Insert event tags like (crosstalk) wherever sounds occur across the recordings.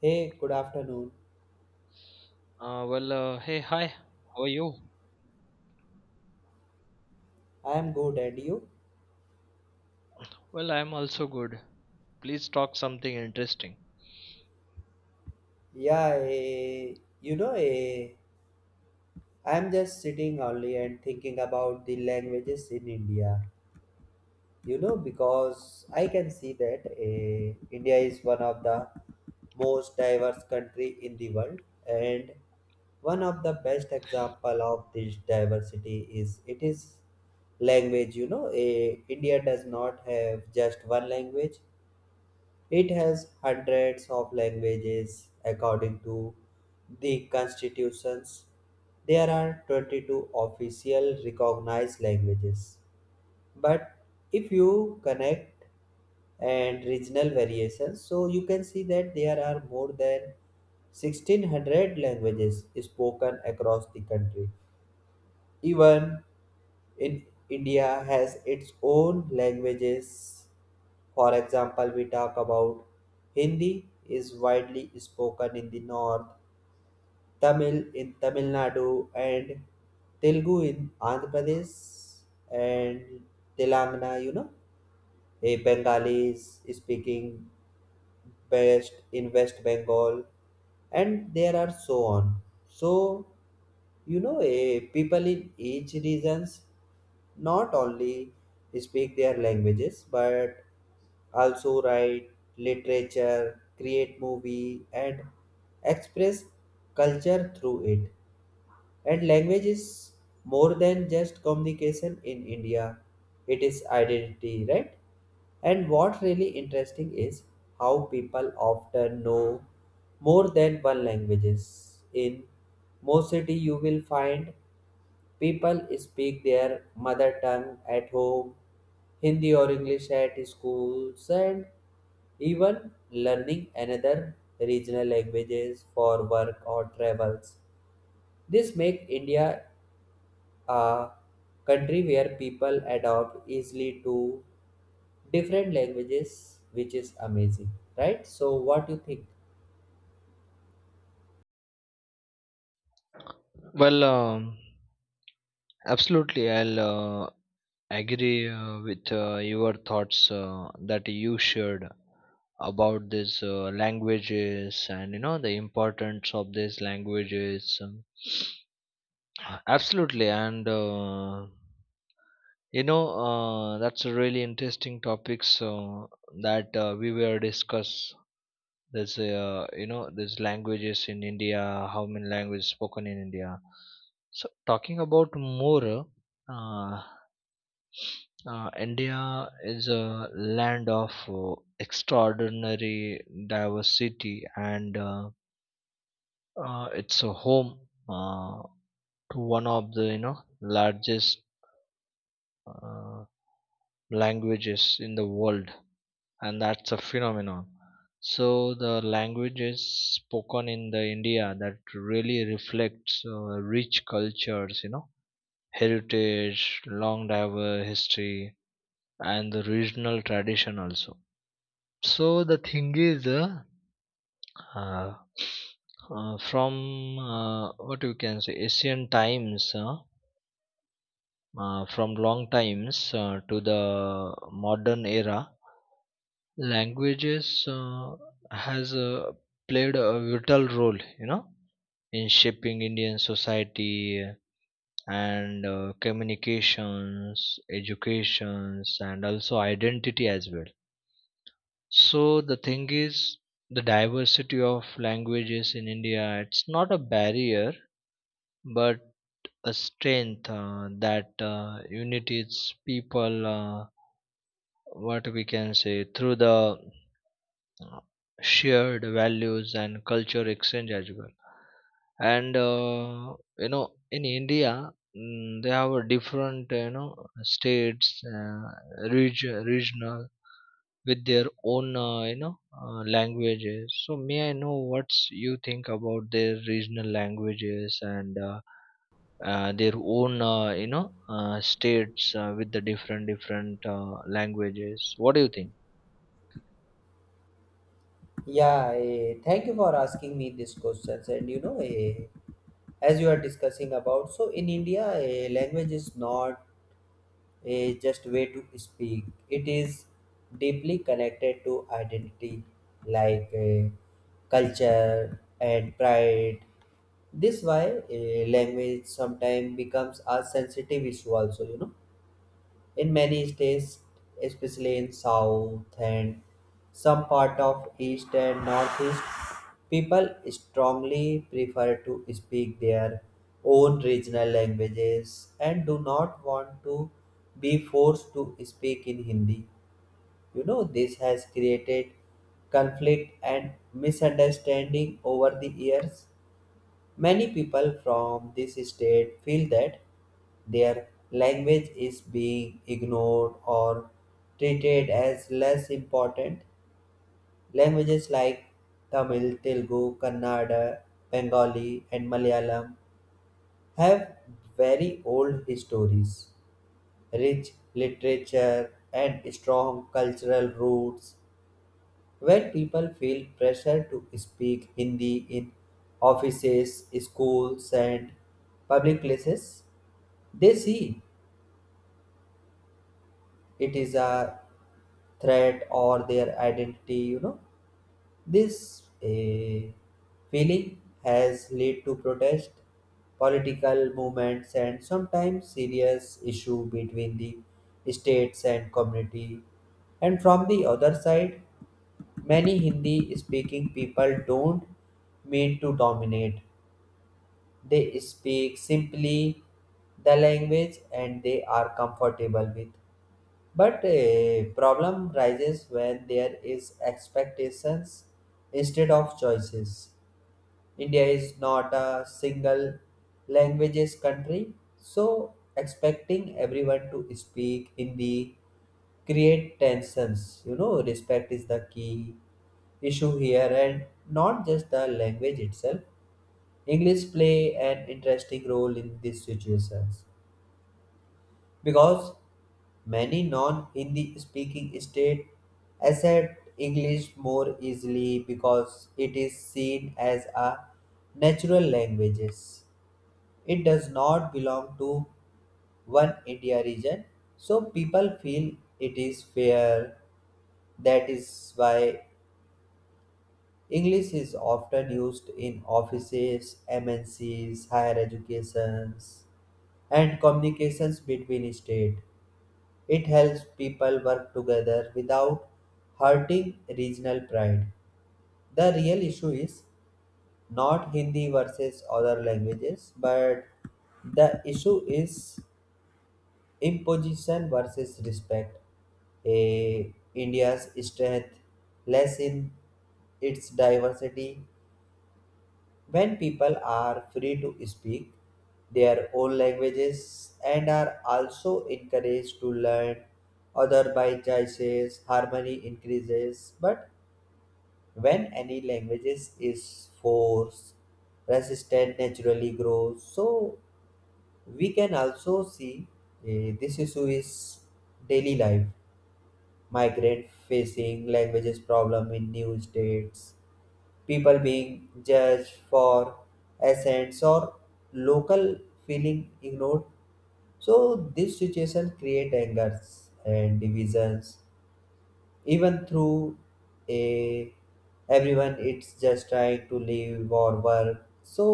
Hey, good afternoon. Well, hey, hi, how are you? I am good, and you? Well, I'm also good. Please talk something interesting. Yeah, you know, eh, I am just sitting only and thinking about the languages in India. Because I can see that India is one of the most diverse country in the world, and one of the best example of this diversity is it is language. India does not have just one language. It has hundreds of languages according to the constitutions. There are 22 official recognized languages. But if you connect and regional variations, so you can see that there are more than 1600 languages spoken across the country even in India has its own languages. For example, we talk about Hindi is widely spoken in the north, Tamil in Tamil Nadu, and Telugu in Andhra Pradesh and Telangana. A Bengali is speaking Best in West Bengal, and there are so on. So people in each regions not only speak their languages but also write literature, create movie, and express culture through it. And language is more than just communication in India, it is identity, right? And what really interesting is how people often know more than one languages. In most city you will find people speak their mother tongue at home, Hindi or English at schools and even learning another regional languages for work or travels. This make India a country where people adopt easily to different languages, which is amazing, right? So, what do you think? Well, absolutely, I'll agree with your thoughts that you shared about these languages, and you know the importance of these languages. (sniffs) Absolutely, and that's a really interesting topics that we were discuss. There's uh, you know there's languages in India, how many languages spoken in India. So talking about more, uh, India is a land of extraordinary diversity, and it's a home uh, to one of the largest uh, languages in the world, and that's a phenomenon. So the languages spoken in the India that really reflects rich cultures, heritage, long diverse history, and the regional tradition also. So the thing is, uh, from what you can say ancient times, from long times to the modern era, languages has played a vital role, in shaping Indian society, and communications, educations, and also identity as well. So the thing is, the diversity of languages in India, it's not a barrier but a strength that unites people, what we can say, through the shared values and culture exchange as well. And you know in India, they have a different, states, uh, regional, with their own, languages. So may I know what's you think about their regional languages, and their own, states, with the different different languages? What do you think? Yeah, thank you for asking me these questions. And as you are discussing about, so in India, language is not a just way to speak. It is deeply connected to identity, like culture and pride. This why language sometimes becomes a sensitive issue also. In many states, especially in South and some part of East and Northeast, people strongly prefer to speak their own regional languages and do not want to be forced to speak in Hindi. This has created conflict and misunderstanding over the years. Many people from this state feel that their language is being ignored or treated as less important. Languages like Tamil, Telugu, Kannada, Bengali, and Malayalam have very old histories, rich literature, and strong cultural roots. When people feel pressure to speak Hindi in offices, schools, and public places, they see it is a threat or their identity. This feeling has led to protest, political movements, and sometimes serious issue between the states and community. And from the other side, many Hindi speaking people don't mean to dominate. They speak simply the language and they are comfortable with. But a problem rises when there is expectations instead of choices. India is not a single languages country, so expecting everyone to speak Hindi create tensions. Respect is the key issue here, and not just the language itself. English play an interesting role in these situations because many non-Hindi speaking states accept English more easily because it is seen as a natural language. It does not belong to one India region, so people feel it is fair. That is why English is often used in offices, MNCs, higher educations, and communications between states. It helps people work together without hurting regional pride. The real issue is not Hindi versus other languages, but the issue is imposition versus respect. Eh, India's strength lies in its diversity. When people are free to speak their own languages and are also encouraged to learn other by choices, harmony increases. But when any languages is forced, resistance naturally grows. So we can also see this issue is daily life. Migrant facing languages problem in new states people being judged for accents or local feeling ignored. So this situation create angers and divisions even through a everyone it's just trying to live or work so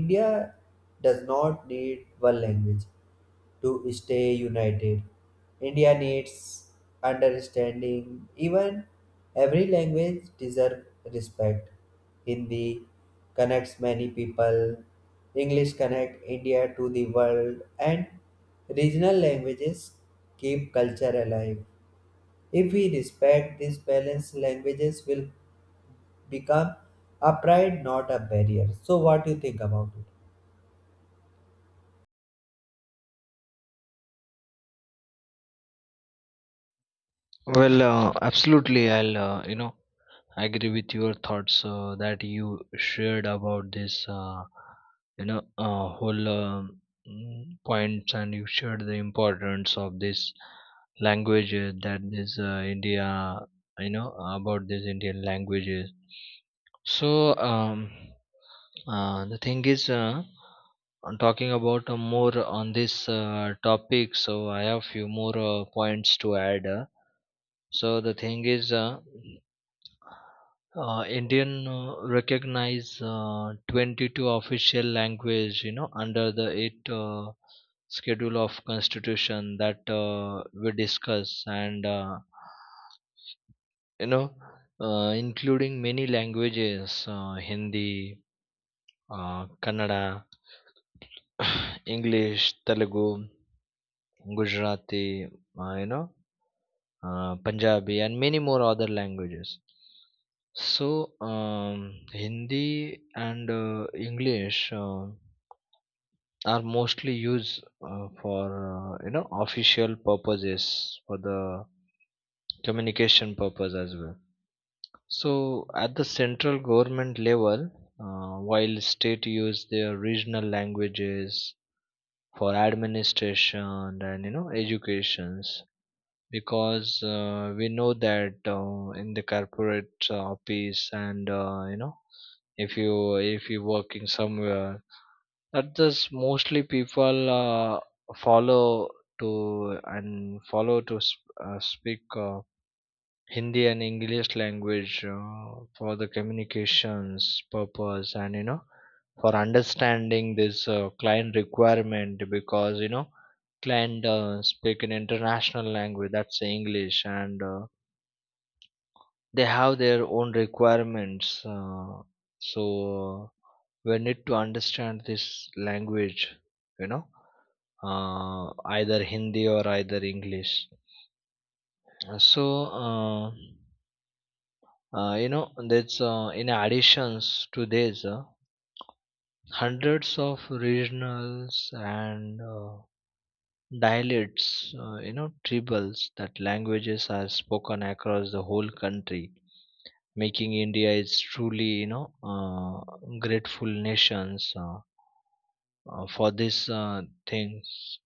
India does not need one language to stay united. India needs understanding. Even every language deserves respect. Hindi connects many people. English connect India to the world and regional languages keep culture alive. If we respect this balance, languages will become a pride, not a barrier. So, what do you think about it? Well, absolutely, I'll, I agree with your thoughts that you shared about this, whole, points, and you shared the importance of this language that this India, you know, about this Indian languages. So the thing is, I'm talking about more on this topic. So I have few more points to add. So the thing is. Indian recognize 22 official language, you know, under the eight schedule of constitution that we discuss, and you know including many languages, Hindi, Kannada, English, Telugu, Gujarati, uh, you know Punjabi, and many more other languages. So, Hindi and English are mostly used for official purposes for the communication purpose as well. So, at the central government level, while state use their regional languages for administration and educations, because we know that in the corporate office, and if you're working somewhere, that just mostly people follow to and follow to speak Hindi and English language for the communications purpose, and for understanding this client requirement, because client speak an international language, that's English, and they have their own requirements, so uh, we need to understand this language, you know uh, either Hindi or either English. Uh, so uh, that's in additions to this, hundreds of regionals and dialects, tribals that languages are spoken across the whole country, making India is truly, grateful nations for this things.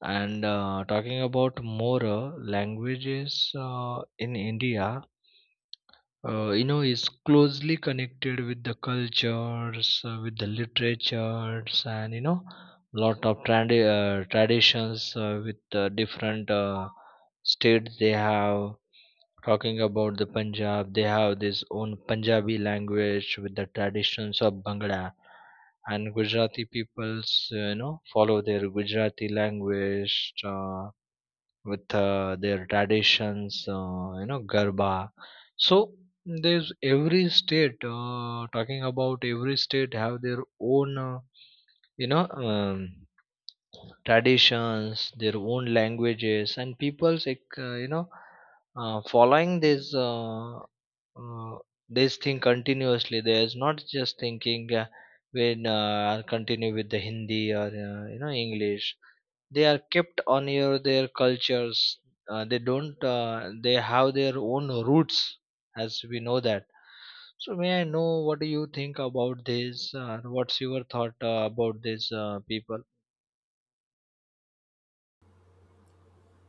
And talking about more languages in India, is closely connected with the cultures with the literatures, and lot of traditions with different states they have. Talking about the Punjab, they have this own Punjabi language with the traditions of bhangra, and Gujarati peoples follow their Gujarati language uh, with their traditions, Garba. So there's every state, talking about every state have their own, you know, um, traditions, their own languages, and people's, like, following this, uh, this thing continuously. There's not just thinking. When I'll continue with the Hindi or English, they are kept on your their cultures, they don't, they have their own roots, as we know that. So may I know what do you think about this? What's your thought about these people?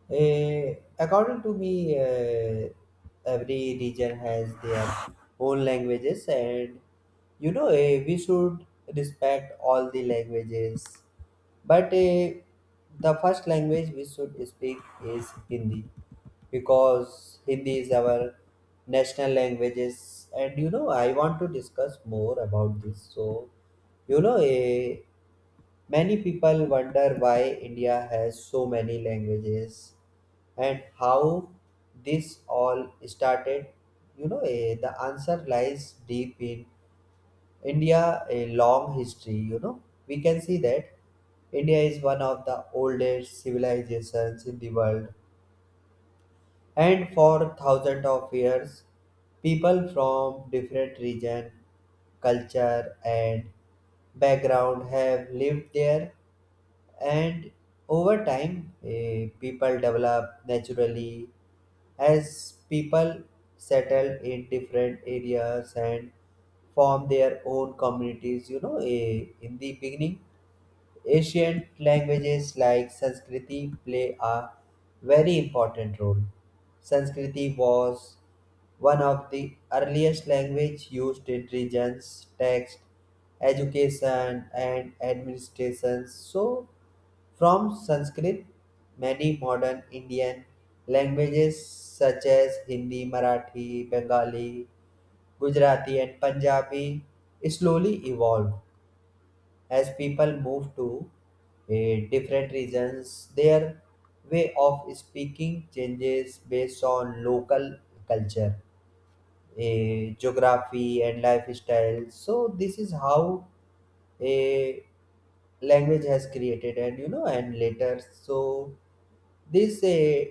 According to me, every region has their own languages, and we should respect all the languages. But the first language we should speak is Hindi because Hindi is our national languages. And I want to discuss more about this. So, you know, eh, many people wonder why India has so many languages and how this all started. The answer lies deep in India a long history. We can see that India is one of the oldest civilizations in the world. And for thousands of years, people from different region, culture and background have lived there and over time people develop naturally as people settle in different areas and form their own communities. In the beginning, ancient languages like Sanskriti play a very important role. Sanskriti was one of the earliest language used in regions, text, education, and administration. So, from Sanskrit, many modern Indian languages such as Hindi, Marathi, Bengali, Gujarati, and Punjabi slowly evolved as people move to different regions, their way of speaking changes based on local culture, geography, and lifestyle. So this is how a language has created, and and later so these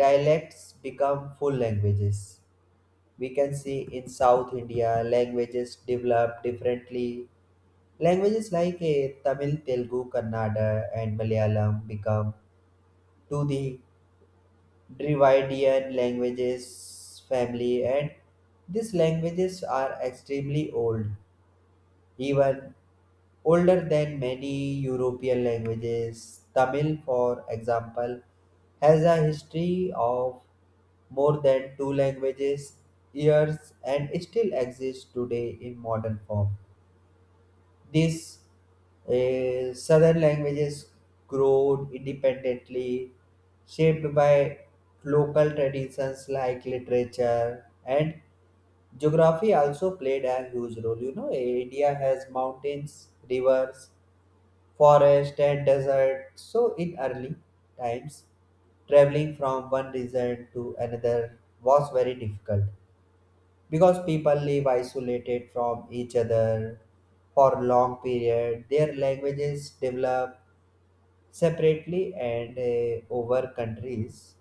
dialects become full languages. We can see in South India languages develop differently. Languages like Tamil, Telugu, Kannada, and Malayalam become to the Dravidian languages family, and these languages are extremely old even older than many European languages. Tamil, for example, has a history of more than two languages years and still exists today in modern form. These southern languages grew independently, shaped by local traditions like literature and geography also played a huge role. India has mountains, rivers, forest, and desert. So, in early times, traveling from one region to another was very difficult because people live isolated from each other for long period. Their languages develop separately and over countries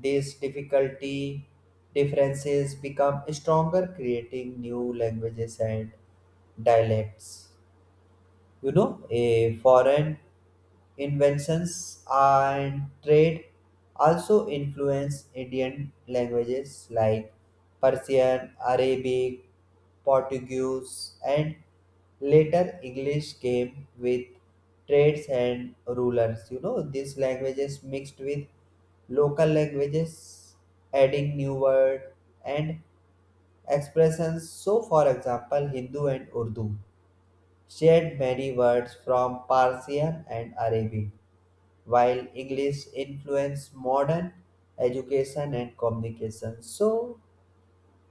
these difficulty differences become stronger, creating new languages and dialects. A foreign inventions and trade also influence Indian languages like Persian, Arabic, Portuguese, and later English came with trades and rulers. These languages mixed with local languages, adding new words and expressions. So for example, Hindu and Urdu shared many words from Persian and Arabic, while English influenced modern education and communication. So,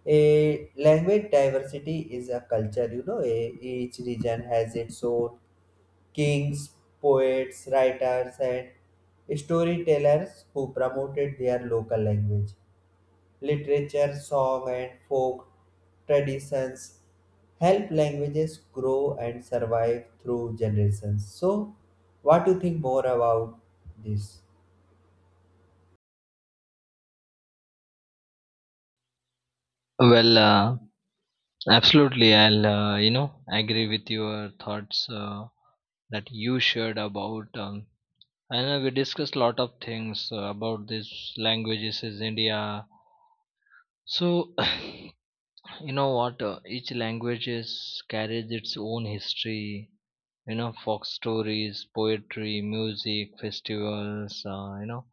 a language diversity is a culture, each region has its own kings, poets, writers, and storytellers who promoted their local language. Literature, song, and folk traditions help languages grow and survive through generations. So, what do you think more about this? Well, absolutely, I'll, agree with your thoughts that you shared about, I know we discussed lot of things about these languages is India. So (laughs) you know what, each language is carries its own history, you know, folk stories, poetry, music, festivals,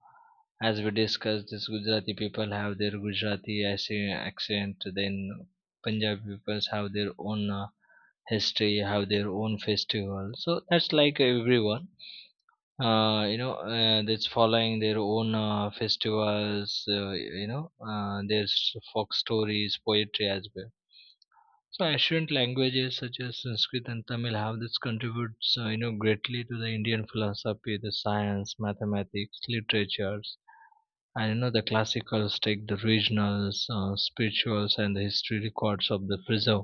as we discussed, this Gujarati people have their Gujarati accent, then Punjabi peoples have their own history, have their own festival. So that's like everyone, that's following their own festivals, uh, you know their folk stories, poetry as well. So ancient languages such as Sanskrit and Tamil have this contributes greatly to the Indian philosophy, the science, mathematics, literatures, and the classicals take the regionals, spirituals, and the history records of the preserve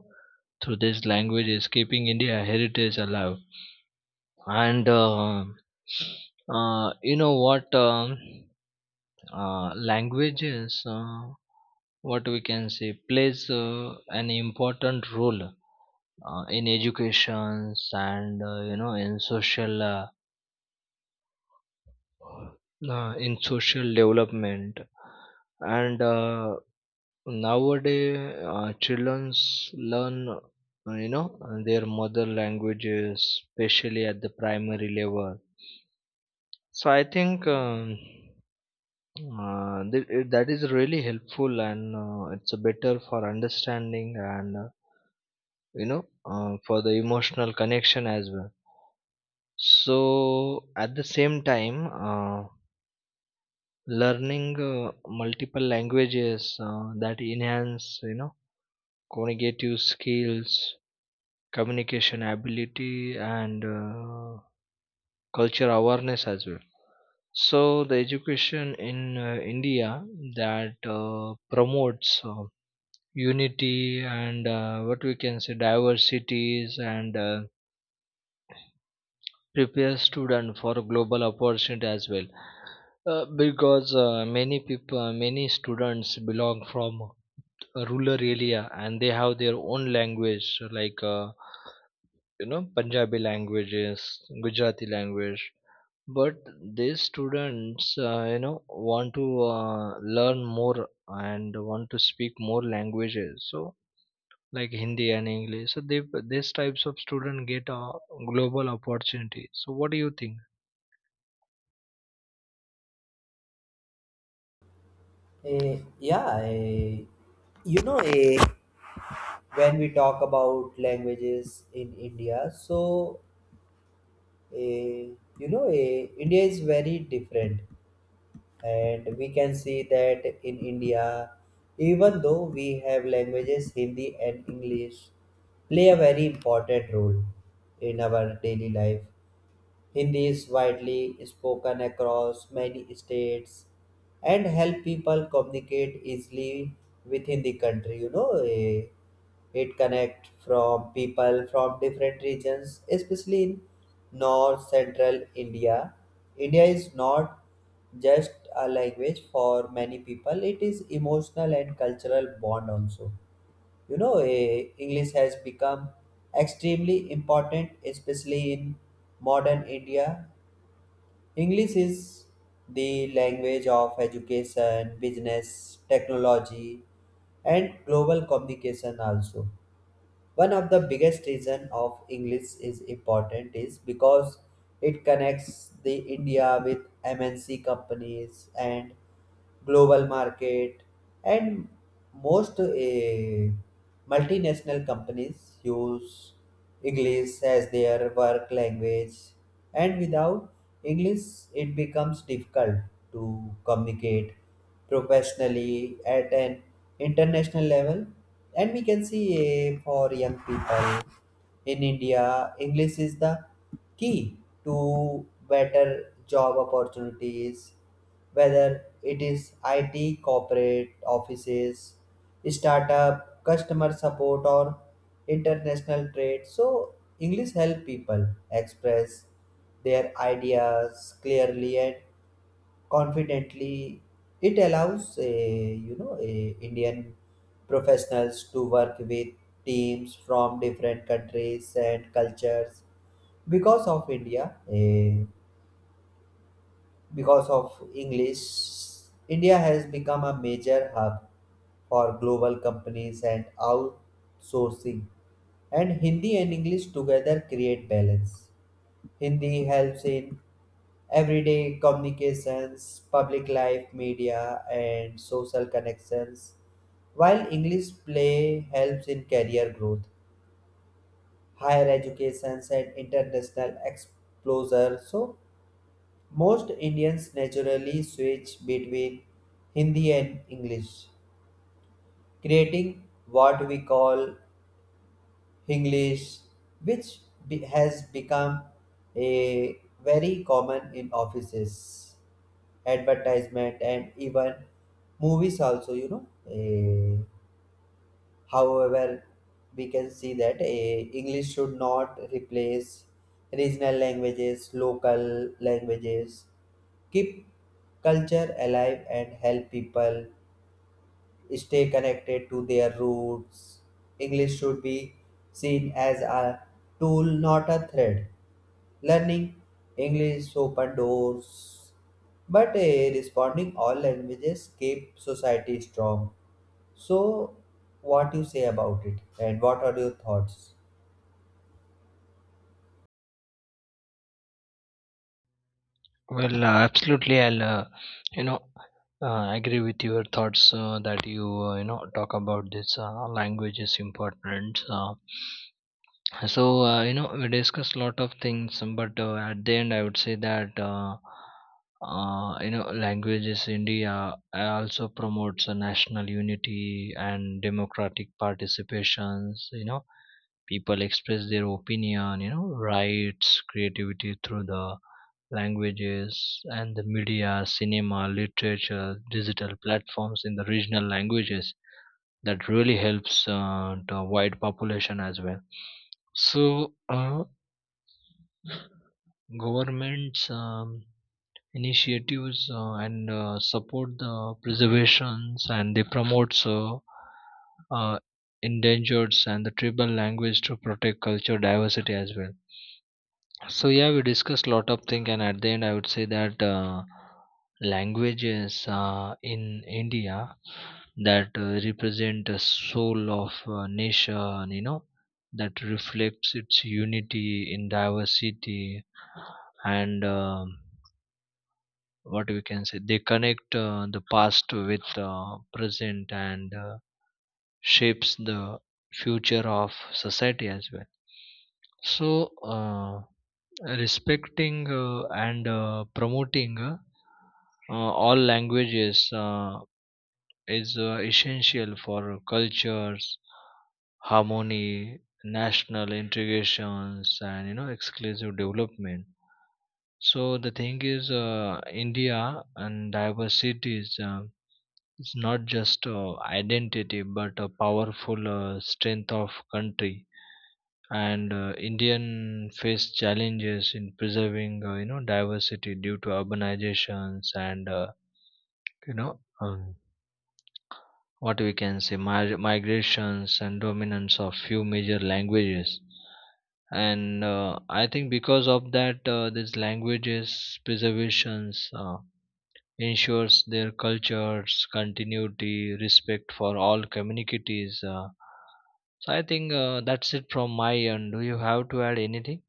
through these languages, keeping India heritage alive. And you know what, languages, what we can say, plays an important role in educations, and in social, in social development. And nowadays children learn their mother languages, especially at the primary level. So I think, that is really helpful, and it's better for understanding, and you know for the emotional connection as well. So at the same time, learning multiple languages that enhance, you know, cognitive skills, communication ability, and culture awareness as well. So the education in India that promotes unity, and, what we can say, diversities, and prepare student for global opportunity as well, because many students belong from a rural area, and they have their own language, like Punjabi languages, Gujarati language, but these students, want to uh, learn more and want to speak more languages, so like Hindi and English, so they these types of students get a global opportunity. So what do you think? Yeah, you know, eh, when we talk about languages in India, so eh, India is very different and we can see that in India even though we have languages Hindi and English play a very important role in our daily life. Hindi is widely spoken across many states and help people communicate easily within the country. It connect from people from different regions, especially in north central India. India is not just a language for many people; it is emotional and cultural bond also. English has become extremely important especially in modern India. English is the language of education business technology and global communication also. One of the biggest reason of English is important is because it connects the India with MNC companies and global market, and most multinational companies use English as their work language, and without English it becomes difficult to communicate professionally at an international level. And we can see for young people in India, English is the key to better job opportunities, whether it is IT, corporate offices, startup, customer support, or international trade. So, English help people express their ideas clearly and confidently. It allows a you know a Indian professionals to work with teams from different countries and cultures. because of india eh, because of English, India has become a major hub for global companies and outsourcing, and Hindi and English together create balance. Hindi helps in everyday communications, public life, media, and social connections, while English play helps in career growth, higher education, and international exposure. So, most Indians naturally switch between Hindi and English, creating what we call English, which has become a very common in offices, advertisement and even movies also. Eh, however, we can see that English should not replace regional languages. Local languages keep culture alive and help people stay connected to their roots. English should be seen as a tool, not a threat. Learning English opened doors, but responding all languages keep society strong. So, what you say about it, and what are your thoughts? Well, absolutely. I'll, you know, agree with your thoughts that you, talk about this language is important. So, we discussed a lot of things, but at the end, I would say that, languages India also promotes a national unity and democratic participations. You know, people express their opinion, you know, rights, creativity through the languages and the media, cinema, literature, digital platforms in the regional languages. That really helps the wide population as well. So, governments initiatives and support the preservations, and they promote uh, endangered and the tribal language to protect culture diversity as well. So yeah, we discussed lot of things, and at the end, I would say that languages in India that represent the soul of a nation, you know, that reflects its unity in diversity, and, what we can say, they connect the past with present, and shapes the future of society as well. So. Respecting and promoting all languages is essential for cultures harmony, national integrations, and exclusive development. So the thing is, India and diversity is, it's not just identity but a powerful strength of country. And Indian face challenges in preserving diversity due to urbanizations, and you know um, what we can say migrations and dominance of few major languages. And I think because of that, these languages preservations ensures their cultures continuity, respect for all communities. So I think, that's it from my end. Do you have to add anything?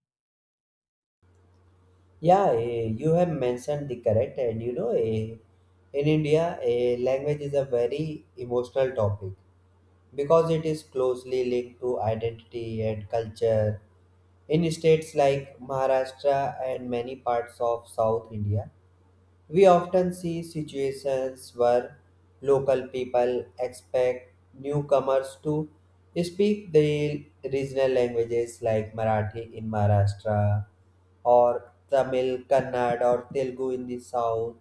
Yeah, you have mentioned the correct, and in India, language is a very emotional topic because it is closely linked to identity and culture. In states like Maharashtra and many parts of South India, we often see situations where local people expect newcomers to speak their regional languages like Marathi in Maharashtra or Tamil, Kannada or Telugu in the south.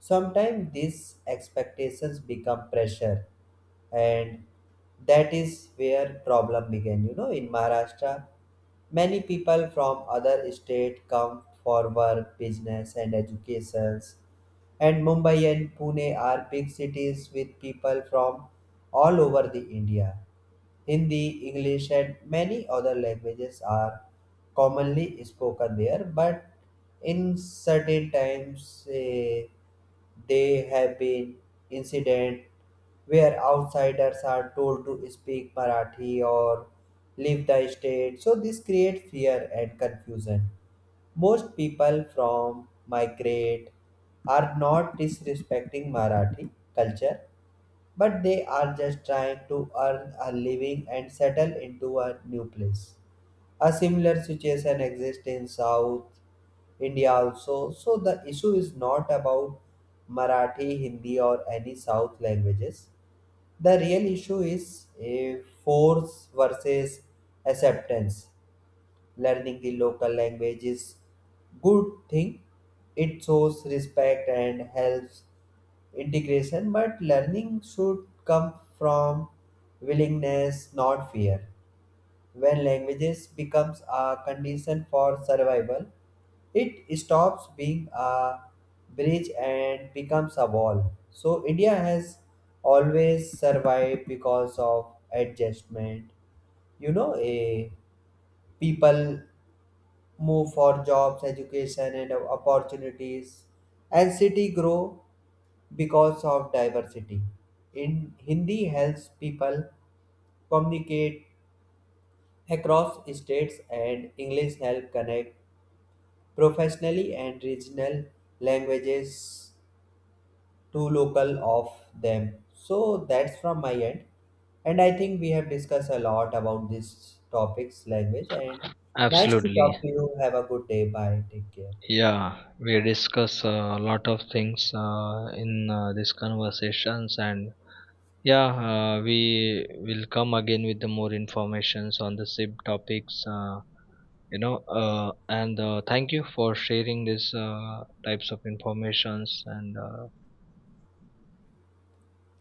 Sometimes these expectations become pressure and that is where problem began. In Maharashtra, many people from other states come for work, business, and educations, and Mumbai and Pune are big cities with people from all over the India. Hindi, English, and many other languages are commonly spoken there, but in certain times they have been incident where outsiders are told to speak Marathi or leave the state. So this creates fear and confusion. Most people from migrate are not disrespecting Marathi culture but they are just trying to earn a living and settle into a new place. A similar situation exists in South India also. So the issue is not about Marathi, Hindi, or any South languages. The real issue is a force versus acceptance. Learning the local language is good thing. It shows respect and helps integration, but learning should come from willingness, not fear. When languages becomes a condition for survival, it stops being a bridge and becomes a wall. So India has always survived because of adjustment. You know, a People move for jobs, education, and opportunities, and city grow because of diversity. In Hindi helps people communicate across states, and English help connect professionally and regional languages to local of them. So that's from my end, and I think we have discussed a lot about these topics, language, and nice to talk Absolutely. to you. Have a good day. Bye. Take care. Yeah, we discuss a lot of things in these conversations, and yeah, we will come again with the more informations on the SIB topics. And thank you for sharing these types of informations, and